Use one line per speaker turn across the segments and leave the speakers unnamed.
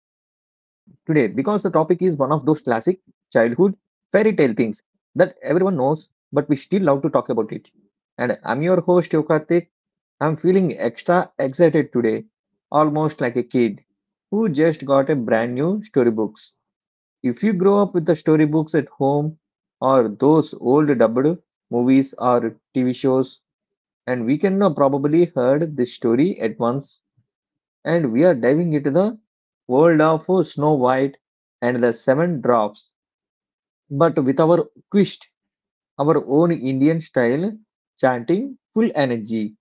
those classic childhood fairy tale things that everyone knows, but we still love to talk about it. And I'm your host, Yokartik. I'm feeling extra excited today, almost like a kid who just got a brand new storybooks. If you grow up with the storybooks at home or those old dubbed movies or TV shows, and we can now probably heard this story at once and we are diving into the world of Snow White and the Seven Dwarfs, but with our twist, our own Indian style chanting full energy.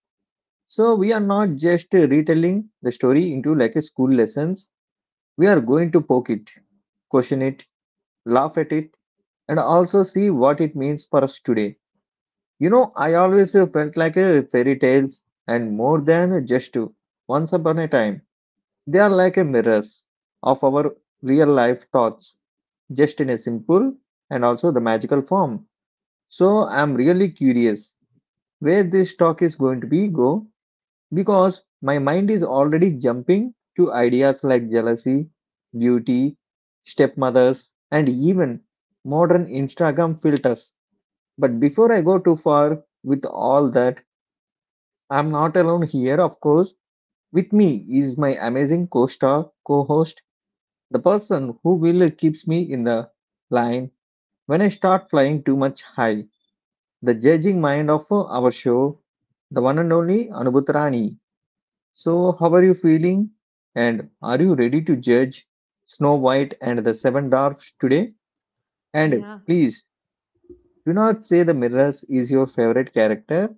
So we are not just retelling the story into like a school lessons. We are going to poke it, question it, laugh at it, and also see what it means for us today. You know, I always felt like a fairy tales and more than just once upon a time. They are like a mirrors of our real life thoughts, just in a simple and also the magical form. So I'm really curious where this talk is going to be go because my mind is already jumping to ideas like jealousy, beauty, stepmothers, and even modern Instagram filters. But before I go too far with all that, I'm not alone here, of course. With me is my amazing co-star, co-host. The person who will keeps me in the line when I start flying too much high. The judging mind of our show, the one and only Anubhutrani. So, how are you feeling? And are you ready to judge Snow White and the Seven Dwarfs today? And
Yeah.
please do not say the mirrors is your favorite character.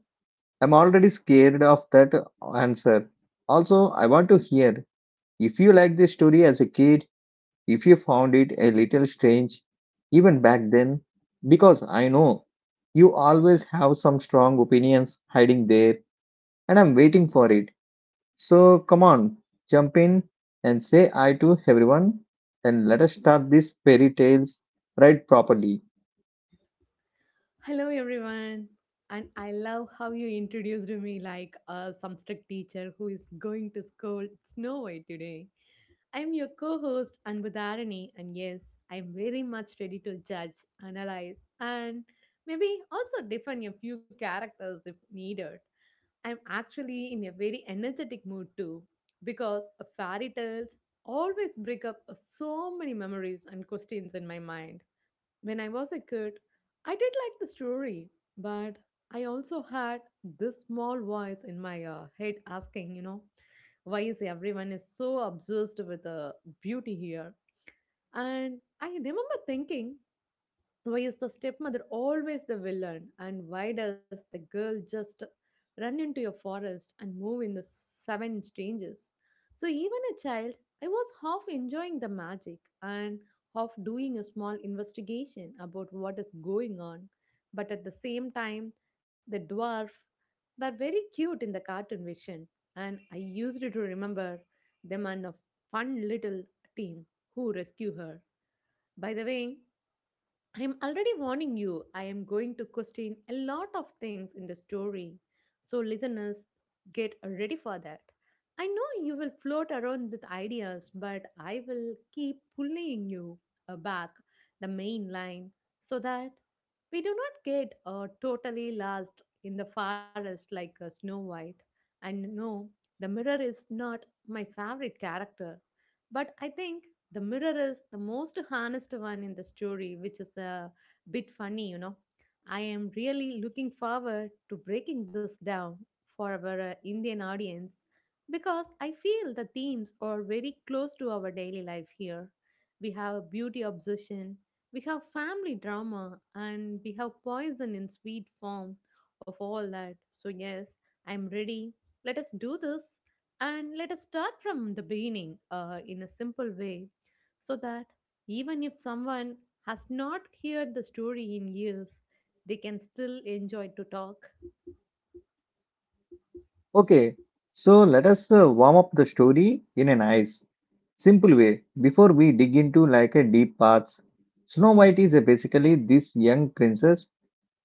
I'm already scared of that answer. Also, I want to hear if you like this story as a kid, if you found it a little strange even back then, because I know you always have some strong opinions hiding there and I'm waiting for it. So come on, jump in and say hi to everyone and let us start these fairy tales right properly.
Hello, everyone. And I love how you introduced me like some strict teacher who is going to scold Snow White today. I'm your co host, Anbudharani, and yes, I'm very much ready to judge, analyze, and maybe also defend a few characters if needed. I'm actually in a very energetic mood too, because fairy tales always bring up so many memories and questions in my mind. When I was a kid, I did like the story, but I also had this small voice in my head asking, why is everyone is so obsessed with beauty here? And I remember thinking why is the stepmother always the villain? And why does the girl just run into a forest and move in the seven strangers? So, even a child, I was half enjoying the magic and half doing a small investigation about what is going on. But at the same time, the dwarf were very cute in the cartoon vision, and I used to remember them and a fun little team who rescue her. By the way, I'm already warning you, I am going to question a lot of things in the story. So, listeners, get ready for that. I know you will float around with ideas, but I will keep pulling you back the main line so that we do not get totally lost in the forest like Snow White. And no, the mirror is not my favorite character, but I think the mirror is the most honest one in the story, which is a bit funny. I am really looking forward to breaking this down for our Indian audience because I feel the themes are very close to our daily life here. We have a beauty obsession, we have family drama, and we have poison in sweet form of all that. So, yes, I'm ready. Let us do this and let us start from the beginning in a simple way so that even if someone has not heard the story in years, they can still enjoy to talk.
Okay, so let us warm up the story in a nice, simple way before we dig into like a deep paths. Snow White is a basically this young princess,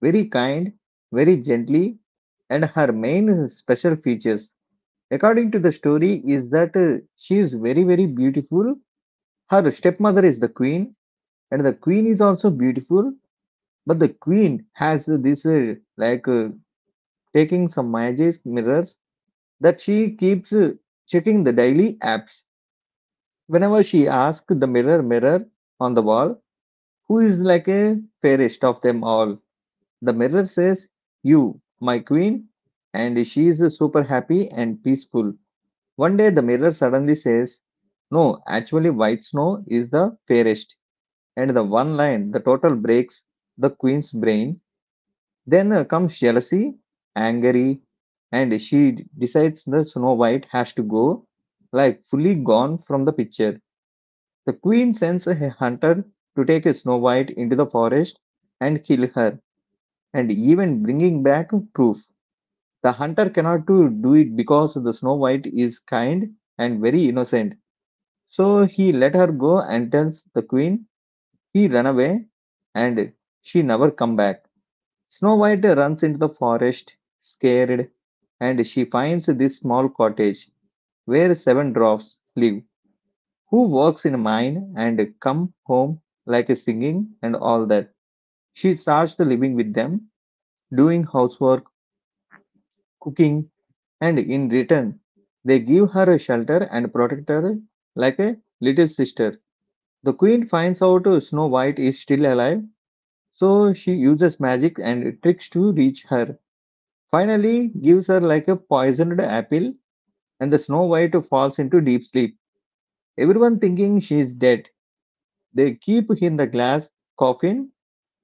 very kind, very gently, and her main special features, according to the story, is that she is very, very beautiful. Her stepmother is the queen, and the queen is also beautiful. But the queen has this taking some magic mirrors that she keeps checking the daily apps. Whenever she asks the mirror, mirror on the wall, who is like a fairest of them all? The mirror says, you, my queen, and she is super happy and peaceful. One day, the mirror suddenly says, no, actually, white snow is the fairest. And the one line, the total breaks the queen's brain. Then comes jealousy, anger, and she decides the Snow White has to go, like fully gone from the picture. The queen sends a hunter to take Snow White into the forest and kill her, and even bringing back proof. The hunter cannot to do it because the Snow White is kind and very innocent. So he let her go and tells the queen he run away and she never come back. Snow White runs into the forest scared and she finds this small cottage where seven dwarfs live who works in a mine and come home like a singing and all that. She starts living with them, doing housework, cooking, and in return they give her a shelter and protect her like a little sister. The queen finds out Snow White is still alive, so she uses magic and tricks to reach her. Finally, gives her like a poisoned apple, and the Snow White falls into deep sleep. Everyone thinking she is dead. They keep in the glass coffin,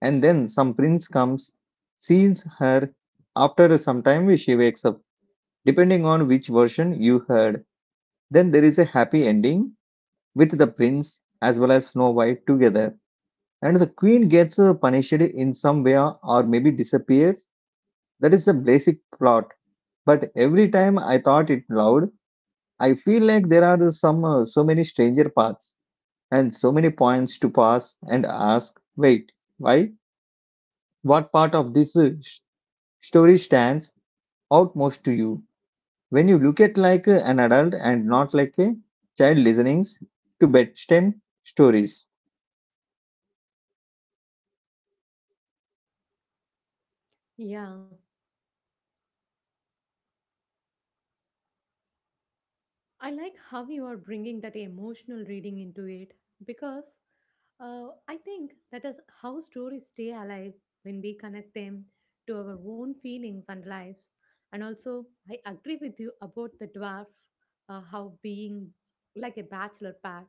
and then some prince comes, sees her. After some time, she wakes up. Depending on which version you heard, then there is a happy ending with the prince as well as Snow White together, and the queen gets punished in some way or maybe disappears. That is the basic plot. But every time I thought it loud, I feel like there are some so many stranger paths and so many points to pass and ask. Wait, why? What part of this story stands out most to you when you look at like an adult and not like a child listening to bedtime stories?
Yeah, I like how you are bringing that emotional reading into it because I think that is how stories stay alive when we connect them to our own feelings and lives. And also, I agree with you about the dwarf, how being like a bachelor pad.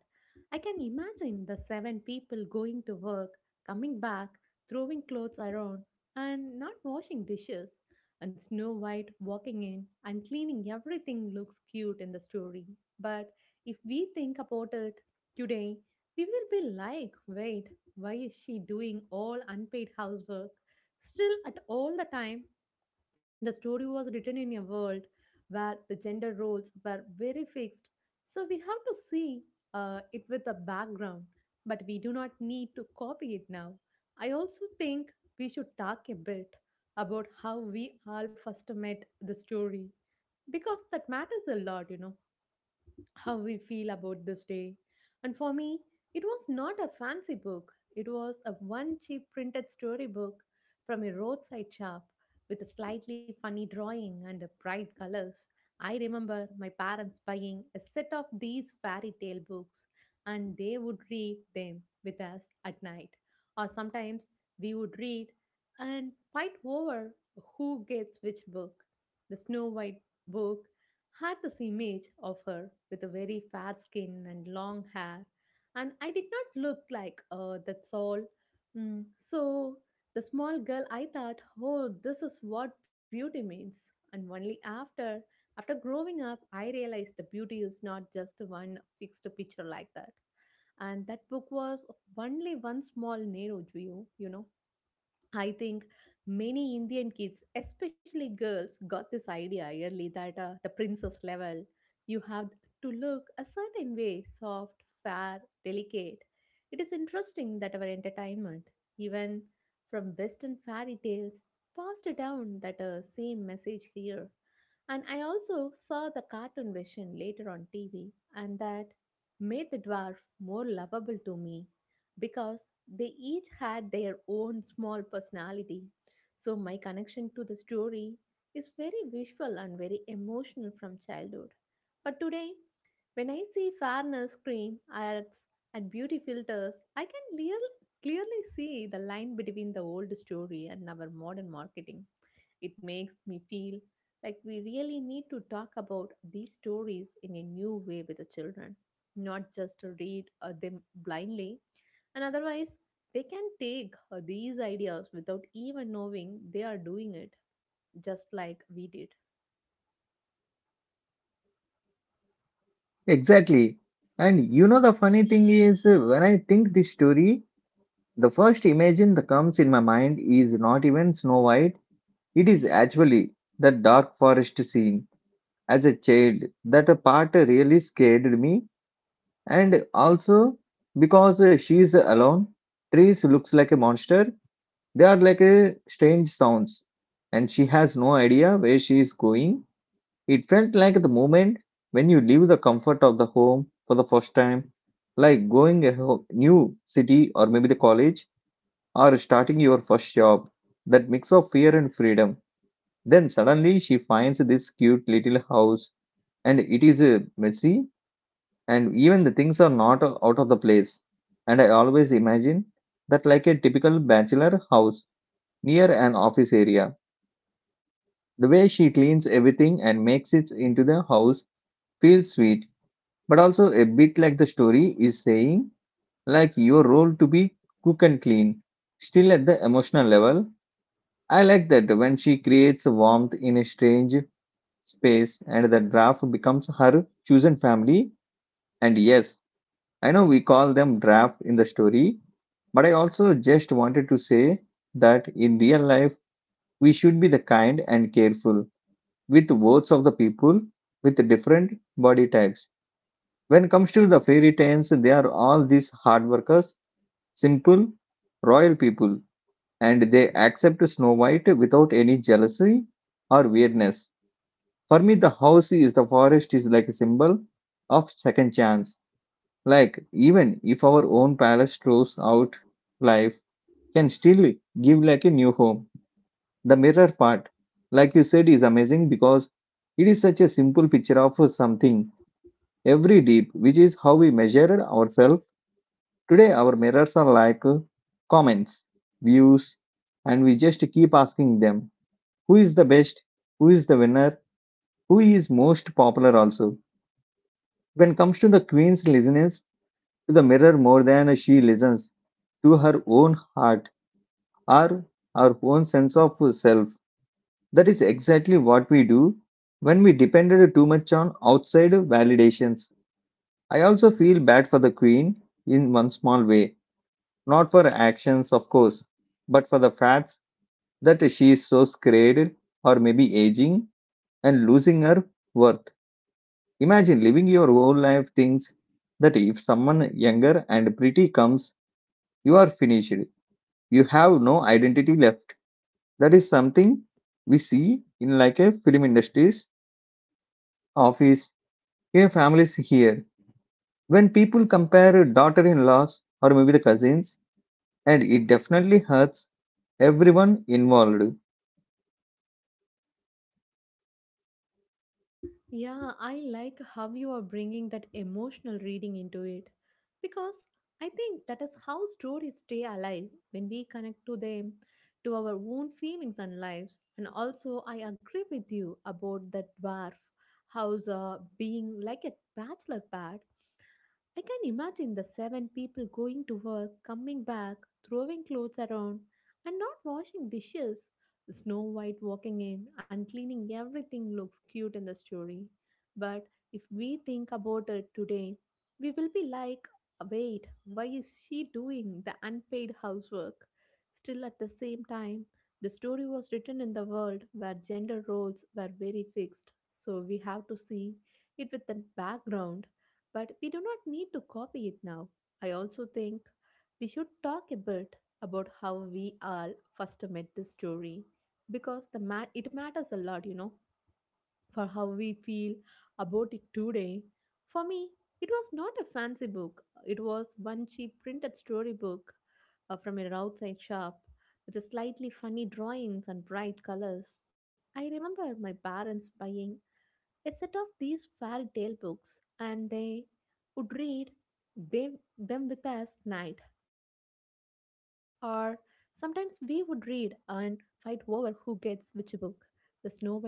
I can imagine the seven people going to work, coming back, throwing clothes around, and not washing dishes and Snow White walking in and cleaning everything looks cute in the story. But if we think about it today, we will be like, wait, why is she doing all unpaid housework still at all the time? The story was written in a world where the gender roles were very fixed, so we have to see it with a background, but we do not need to copy it now. I also think we should talk a bit about how we all first met the story because that matters a lot, you know how we feel about this day. And for me, it was not a fancy book. It was a one cheap printed storybook from a roadside shop with a slightly funny drawing and a bright colors. I remember my parents buying a set of these fairy tale books and they would read them with us at night. Or sometimes we would read and fight over who gets which book. The Snow White book had this image of her with a very fair skin and long hair, and I did not look like that's all. So the small girl, I thought, oh, this is what beauty means. And only after growing up, I realized the beauty is not just one fixed picture like that. And that book was only one small narrow view, you know. I think many Indian kids, especially girls, got this idea early that the princess level, you have to look a certain way soft, fair, delicate. It is interesting that our entertainment, even from Western fairy tales, passed down that same message here. And I also saw the cartoon version later on TV, and that made the dwarf more lovable to me because they each had their own small personality. So, my connection to the story is very visual and very emotional from childhood. But today, when I see fairness, cream, ads, and beauty filters, I can clearly see the line between the old story and our modern marketing. It makes me feel like we really need to talk about these stories in a new way with the children, not just to read them blindly and otherwise, they can take these ideas without even knowing they are doing it, just like we did.
Exactly. And you know, the funny thing is, when I think this story, the first image in that comes in my mind is not even Snow White. It is actually the dark forest scene. As a child, that part really scared me. And also because she is alone, trees looks like a monster. They are like a strange sounds, and she has no idea where she is going. It felt like the moment when you leave the comfort of the home for the first time, like going new city or maybe the college or starting your first job. That mix of fear and freedom. Then suddenly she finds this cute little house and it is messy and even the things are not out of the place. And I always imagine that like a typical bachelor house near an office area. The way she cleans everything and makes it into the house feels sweet but also a bit like the story is saying like your role to be cook and clean still at the emotional level. I like that when she creates warmth in a strange space and the draft becomes her chosen family. And yes, I know we call them draft in the story, but I also just wanted to say that in real life we should be the kind and careful with votes of the people with different body types. When comes to the fairy tales, they are all these hard workers, simple, royal people, and they accept Snow White without any jealousy or weirdness. For me, the house is the forest is like a symbol of second chance. Like even if our own palace throws out life, can still give like a new home. The mirror part, like you said, is amazing because it is such a simple picture of something every deep, which is how we measure ourselves. Today, our mirrors are like comments, views, and we just keep asking them who is the best, who is the winner, who is most popular. Also, when it comes to the queen's listeners to the mirror more than she listens to her own heart or our own sense of self. That is exactly what we do when we depended too much on outside validations. I also feel bad for the queen in one small way. Not for actions, of course, but for the facts that she is so scared or maybe aging and losing her worth. Imagine living your whole life thinks that if someone younger and pretty comes, you are finished. You have no identity left. That is something we see in like a film industries, office, in families here. When people compare daughter-in-laws or maybe the cousins, and it definitely hurts everyone involved.
Yeah, I like how you are bringing that emotional reading into it because I think that is how stories stay alive when we connect to them, to our own feelings and lives. And also, I agree with you about that dwarf house being like a bachelor pad. I can imagine the seven people going to work, coming back, throwing clothes around, and not washing dishes. Snow White walking in and cleaning everything looks cute in the story. But if we think about it today, we will be like, wait, why is she doing the unpaid housework? Still, at the same time, the story was written in the world where gender roles were very fixed, so we have to see it with that background but we do not need to copy it now. I also think we should talk a bit about how we all first met this story because it matters a lot, you know, for how we feel about it today. For me, it was not a fancy book, it was one cheap printed storybook from a roadside shop with a slightly funny drawings and bright colors. I remember my parents buying a set of these fairy tale books and they would read them with us night. Or sometimes we would read and fight over who gets which book. The Snow White book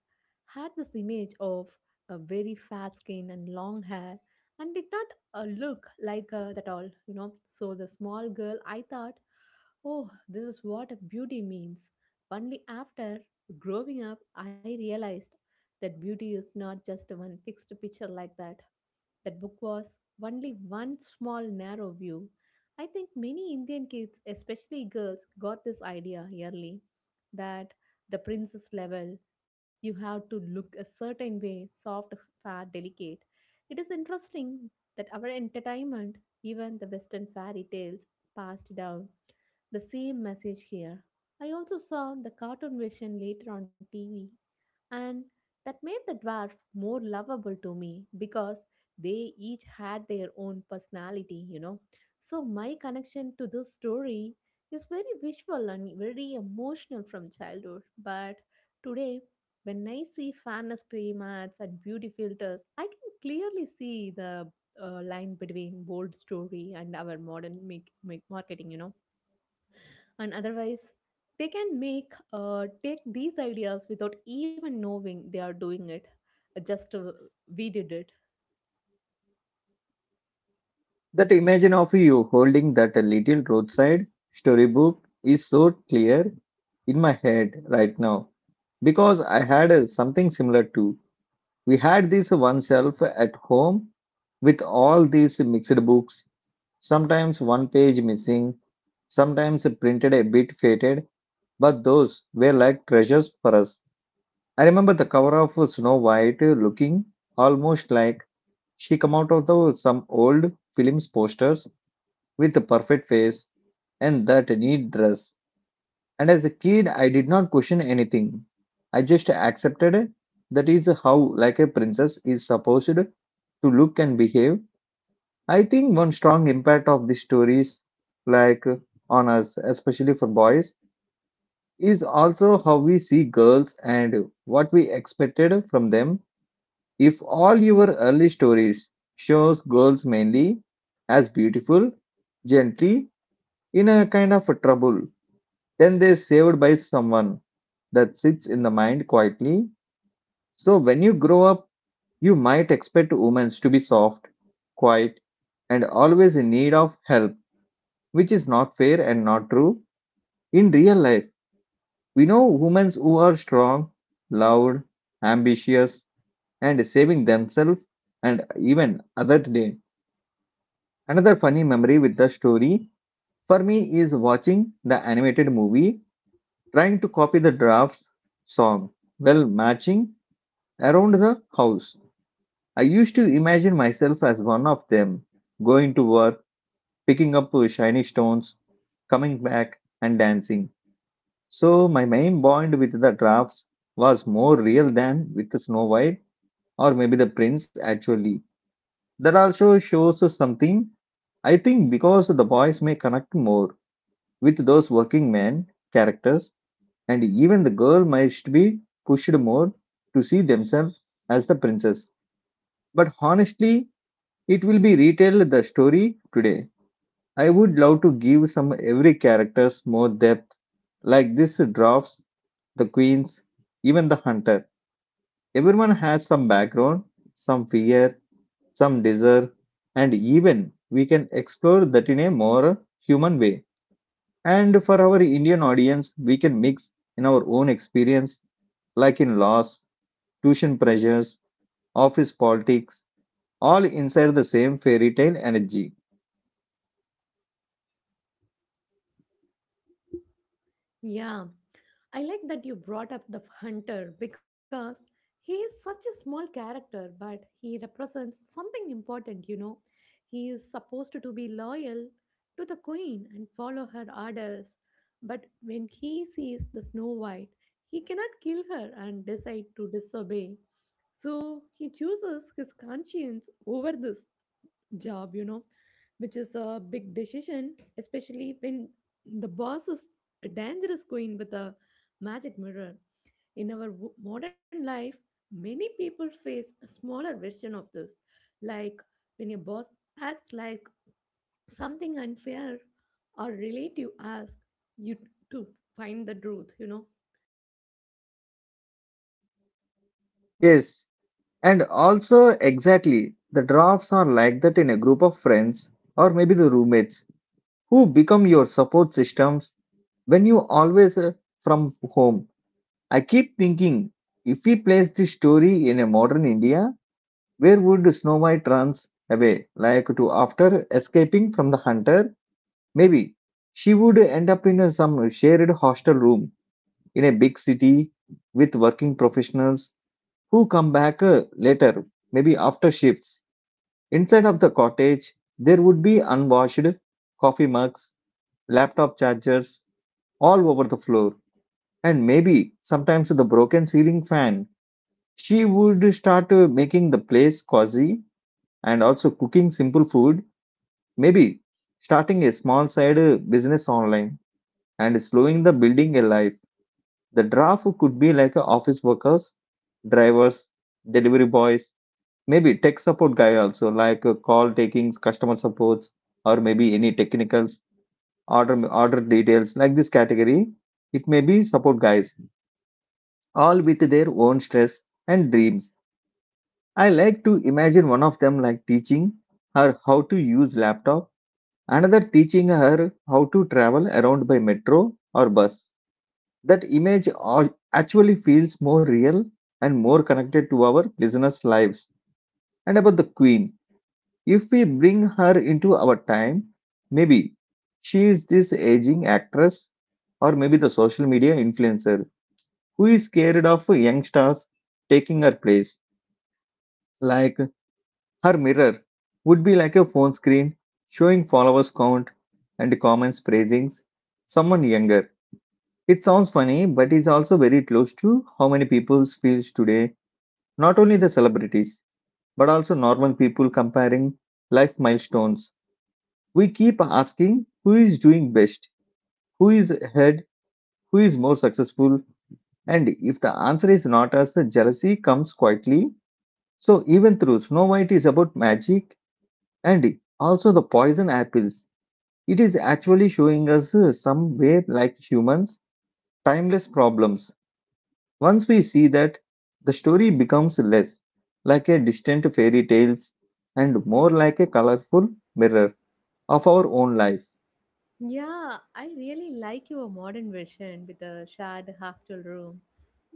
had this image of a very fair skin and long hair, and did not look like that all, you know. So the small girl, I thought, oh, this is what a beauty means. Only after growing up, I realized that beauty is not just one fixed picture like that. That book was only one small narrow view. I think many Indian kids, especially girls, got this idea early that the princess level, you have to look a certain way, soft, fair, delicate. It is interesting that our entertainment, even the Western fairy tales, passed down the same message here. I also saw the cartoon version later on TV, and that made the dwarf more lovable to me because they each had their own personality, you know. So my connection to this story is very visual and very emotional from childhood, but today, when I see fairness playmats and beauty filters, I can clearly see the line between bold story and our modern make marketing, you know. And otherwise, they can make take these ideas without even knowing they are doing it. Just we did it.
That image of you holding that little roadside storybook is so clear in my head right now because I had something similar to. We had this one shelf at home with all these mixed books, sometimes one page missing, sometimes printed a bit faded, but those were like treasures for us. I remember the cover of Snow White looking almost like she come out of the, some old films posters with a perfect face and that neat dress. And as a kid, I did not question anything. I just accepted that is how like a princess is supposed to look and behave. I think one strong impact of these stories, like on us, especially for boys, is also how we see girls and what we expected from them. If all your early stories shows girls mainly as beautiful, gently, in a kind of a trouble, then they're saved by someone that sits in the mind quietly. So when you grow up, you might expect women to be soft, quiet, and always in need of help, which is not fair and not true. In real life, we know women who are strong, loud, ambitious, and saving themselves and even other day. Another funny memory with the story for me is watching the animated movie, trying to copy the drafts song well matching around the house. I used to imagine myself as one of them, going to work, picking up shiny stones, coming back, and dancing. So my main bond with the drafts was more real than with Snow White or maybe the prince actually. That also shows us something, I think, because the boys may connect more with those working men characters, and even the girl might be pushed more to see themselves as the princess. But honestly, it will be retell the story today. I would love to give some every characters more depth, like this dwarfs, the queens, even the hunter. Everyone has some background, some fear, some desire, and even we can explore that in a more human way. And for our Indian audience, we can mix in our own experience, like in laws, tuition pressures, office politics, all inside the same fairy tale energy.
Yeah, I like that you brought up the hunter because he is such a small character, but he represents something important, you know. He is supposed to be loyal to the queen and follow her orders, but when he sees the Snow White, he cannot kill her and decide to disobey. So he chooses his conscience over this job, you know, which is a big decision, especially when the boss is a dangerous queen with a magic mirror. In our modern life, many people face a smaller version of this, like when your boss acts like something unfair or relative asks you to find the truth, you know.
Yes, and also, exactly, the drafts are like that in a group of friends or maybe the roommates who become your support systems when you always from home. I keep thinking if we place this story in a modern India, where would Snow White runs away? Like to after escaping from the hunter, maybe she would end up in some shared hostel room in a big city with working professionals who come back later, maybe after shifts. Inside of the cottage, there would be unwashed coffee mugs, laptop chargers all over the floor, and maybe sometimes the broken ceiling fan. She would start making the place cozy and also cooking simple food, maybe starting a small side business online and slowing the building alive. The draft could be like office workers, drivers, delivery boys, maybe tech support guy also, like call taking, customer supports, or maybe any technicals, order details, like this category. It may be support guys, all with their own stress and dreams. I like to imagine one of them like teaching her how to use laptop, another teaching her how to travel around by metro or bus. That image actually feels more real and more connected to our listeners' lives. And about the queen, if we bring her into our time, maybe she is this aging actress or maybe the social media influencer who is scared of young stars taking her place. Like her mirror would be like a phone screen showing followers count and comments praising someone younger. It sounds funny, but it's also very close to how many people feels today. Not only the celebrities, but also normal people comparing life milestones. We keep asking who is doing best, who is ahead, who is more successful, and if the answer is not us, jealousy comes quietly. So, even through Snow White is about magic and also the poison apples, it is actually showing us some way, like humans, timeless problems. Once we see that, the story becomes less like a distant fairy tales and more like a colorful mirror of our own life.
Yeah, I really like your modern version with a shared hostel room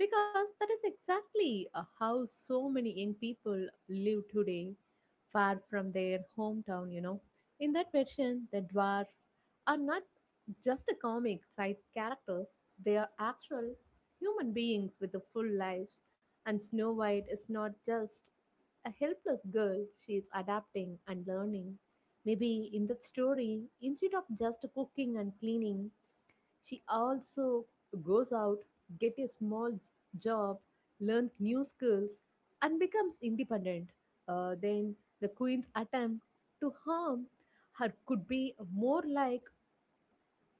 because that is exactly how so many young people live today, far from their hometown, you know. In that version, the dwarf are not just a comic side characters, they are actual human beings with the full lives, and Snow White is not just a helpless girl, she is adapting and learning. Maybe in that story, instead of just cooking and cleaning, she also goes out, get a small job, learns new skills, and becomes independent. Then the queen's attempt to harm her could be more like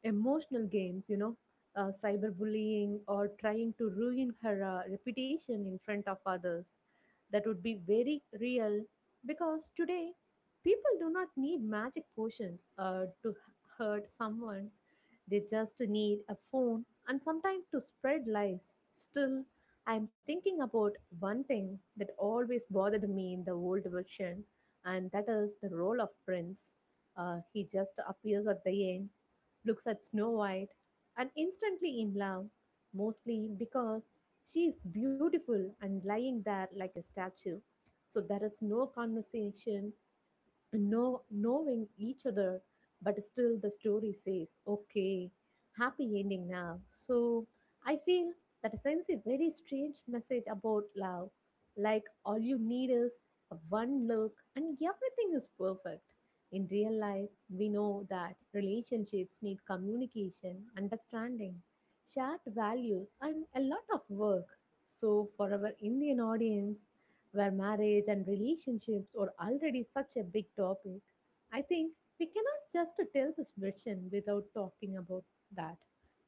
emotional games, you know, cyberbullying or trying to ruin her reputation in front of others. That would be very real because today people do not need magic potions to hurt someone. They just need a phone and sometimes to spread lies. Still, I am thinking about one thing that always bothered me in the old version, and that is the role of Prince. He just appears at the end, looks at Snow White, and instantly in love, mostly because she is beautiful and lying there like a statue. So there is no conversation, know, knowing each other, but still the story says, okay, happy ending now. So I feel that sends a very strange message about love. Like all you need is a one look and everything is perfect. In real life, we know that relationships need communication, understanding, shared values, and a lot of work. So, for our Indian audience, where marriage and relationships are already such a big topic, I think we cannot just tell this version without talking about that.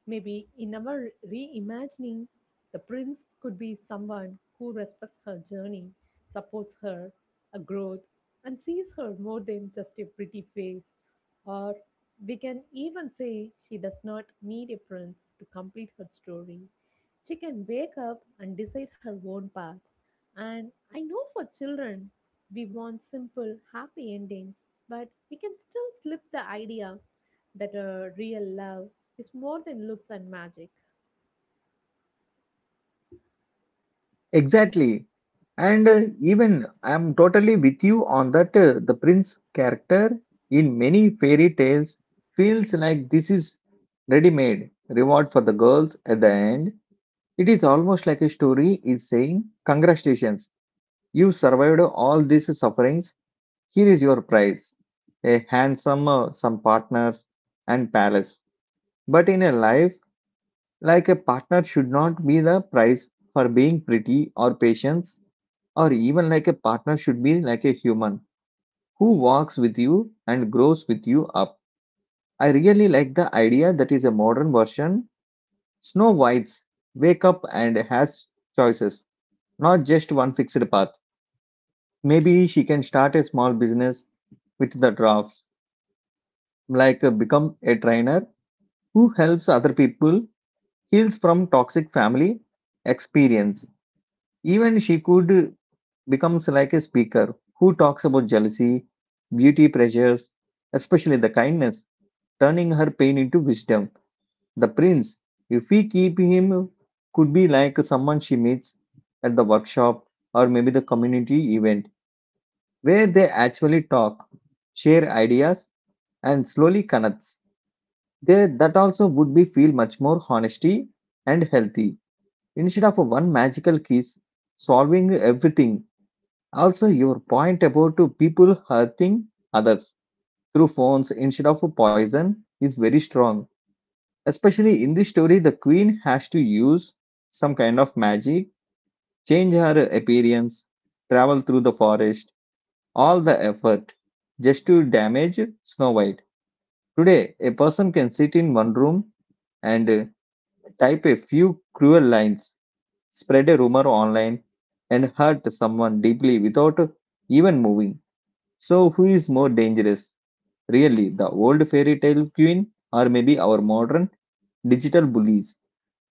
Maybe in our reimagining, the prince could be someone who respects her journey, supports her, a growth, and sees her more than just a pretty face. Or we can even say she does not need a prince to complete her story. She can wake up and decide her own path, and I know for children, we want simple, happy endings, but we can still slip the idea that a real love is more than looks and magic.
Exactly. And even I'm totally with you on that. The prince character in many fairy tales feels like this is ready made reward for the girls at the end. It is almost like a story is saying, "Congratulations, you survived all these sufferings. Here is your prize a handsome, some partners, and palace." But in a life, like a partner should not be the prize for being pretty or patience or even like a partner should be like a human who walks with you and grows with you up. I really like the idea that is a modern version Snow White's wake up and has choices, not just one fixed path. Maybe she can start a small business with the drafts, like become a trainer who helps other people, heals from toxic family experience. Even she could becomes like a speaker who talks about jealousy, beauty pressures, especially the kindness, turning her pain into wisdom. The prince, if we keep him, could be like someone she meets at the workshop or maybe the community event where they actually talk, share ideas, and slowly connects. There, that also would be feel much more honesty and healthy instead of a one magical kiss solving everything. Also, your point about to people hurting others through phones instead of poison is very strong. Especially in this story, the queen has to use some kind of magic, change her appearance, travel through the forest, all the effort just to damage Snow White. Today, a person can sit in one room and type a few cruel lines, spread a rumor online, and hurt someone deeply without even moving. So, who is more dangerous? Really, the old fairy tale queen or maybe our modern digital bullies?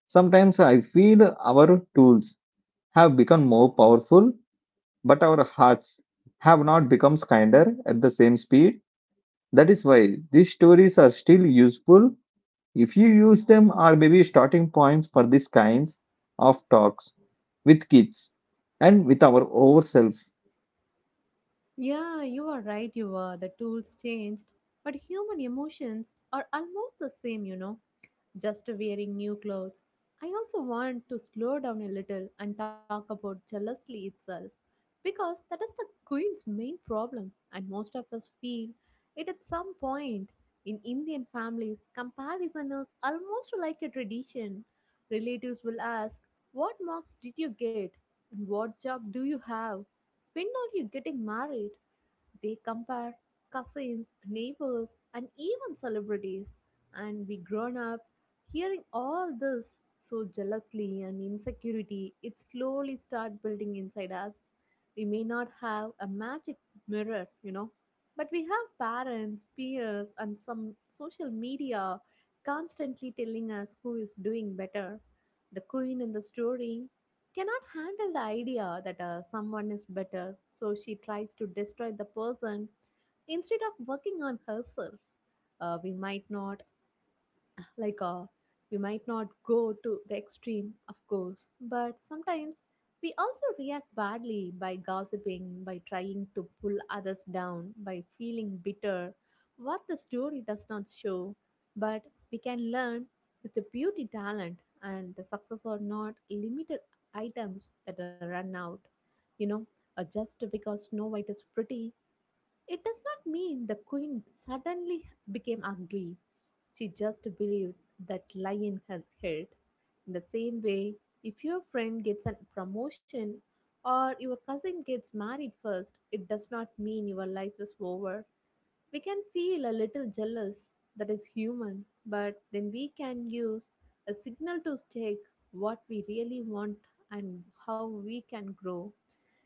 Sometimes I feel our tools have become more powerful, but our hearts have not become kinder at the same speed. That is why these stories are still useful if you use them or maybe starting points for these kinds of talks with kids and with our ourselves.
Yeah, you are right, you were. The tools changed, but human emotions are almost the same. Just wearing new clothes. I also want to slow down a little and talk about jealousy itself because that is the queen's main problem, and most of us feel it at some point. In Indian families, comparison is almost like a tradition. Relatives will ask, what marks did you get? And what job do you have? When are you getting married? They compare cousins, neighbors, and even celebrities, and we grown up hearing all this so jealously and insecurity. It slowly start building inside us. We may not have a magic mirror, but we have parents, peers, and some social media constantly telling us who is doing better. The queen in the story cannot handle the idea that someone is better, so she tries to destroy the person instead of working on herself. We might not like, we might not go to the extreme, of course, but sometimes we also react badly by gossiping, by trying to pull others down, by feeling bitter. What the story does not show, but we can learn it's a beauty talent, and the success are not limited items that are run out. You know, just because Snow White is pretty, it does not mean the queen suddenly became ugly. She just believed that lie in her head. In the same way, if your friend gets a promotion or your cousin gets married first, it does not mean your life is over. We can feel a little jealous, that is human, but then we can use a signal to check what we really want and how we can grow.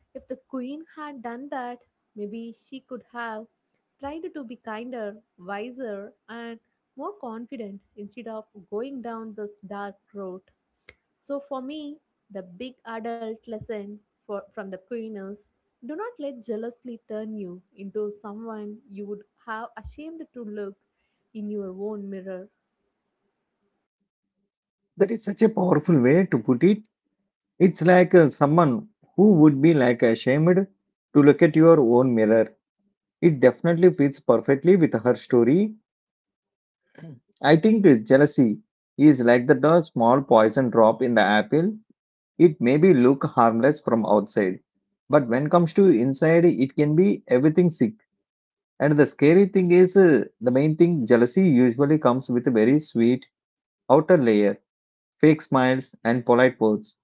If the queen had done that, maybe she could have tried to be kinder, wiser, and more confident instead of going down this dark road. So, for me, the big adult lesson from the queen is do not let jealousy turn you into someone you would have ashamed to look in your own mirror.
That is such a powerful way to put it. It's like someone who would be like ashamed to look at your own mirror. It definitely fits perfectly with her story. I think jealousy is like the small poison drop in the apple. It maybe look harmless from outside, but when comes to inside, it can be everything sick. And the scary thing is, the main thing jealousy usually comes with a very sweet outer layer, fake smiles and polite words.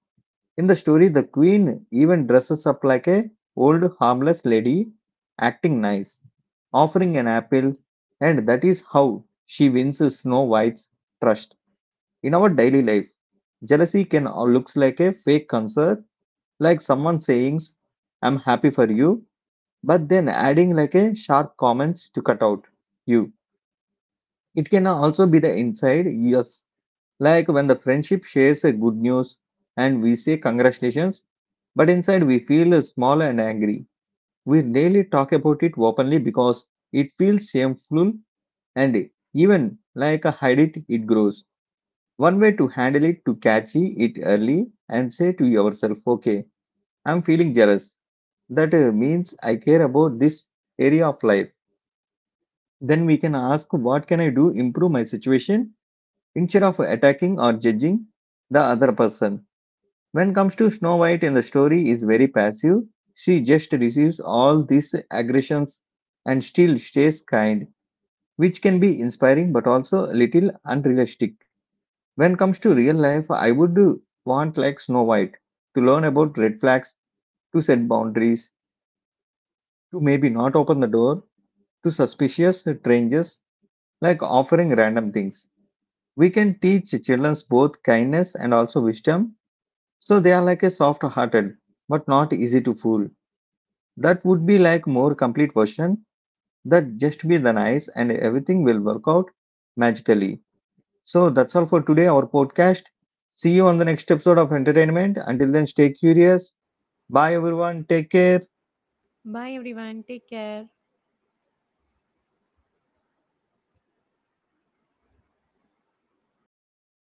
In the story, the queen even dresses up like a old harmless lady, acting nice, offering an apple, and that is how she wins Snow White's trust. In our daily life, jealousy can looks like a fake concern, like someone saying, "I'm happy for you," but then adding like a sharp comments to cut out you. It can also be the inside. Yes, like when the friendship shares a good news and we say congratulations, but inside we feel small and angry. We rarely talk about it openly because it feels shameful and even like a hide it, it grows. One way to handle it to catch it early and say to yourself, okay, I'm feeling jealous. That means I care about this area of life. Then we can ask, what can I do improve my situation instead of attacking or judging the other person. When comes to Snow White in the story is very passive. She just receives all these aggressions and still stays kind, which can be inspiring but also a little unrealistic. When comes to real life, I would do want like Snow White to learn about red flags, to set boundaries, to maybe not open the door to suspicious strangers, like offering random things. We can teach children both kindness and also wisdom, so they are like a soft-hearted but not easy to fool. That would be like more complete version that just be the nice and everything will work out magically. So that's all for today our podcast. See you on the next episode of entertainment. Until then stay curious. Bye everyone. Take care.
Bye, everyone. Take care.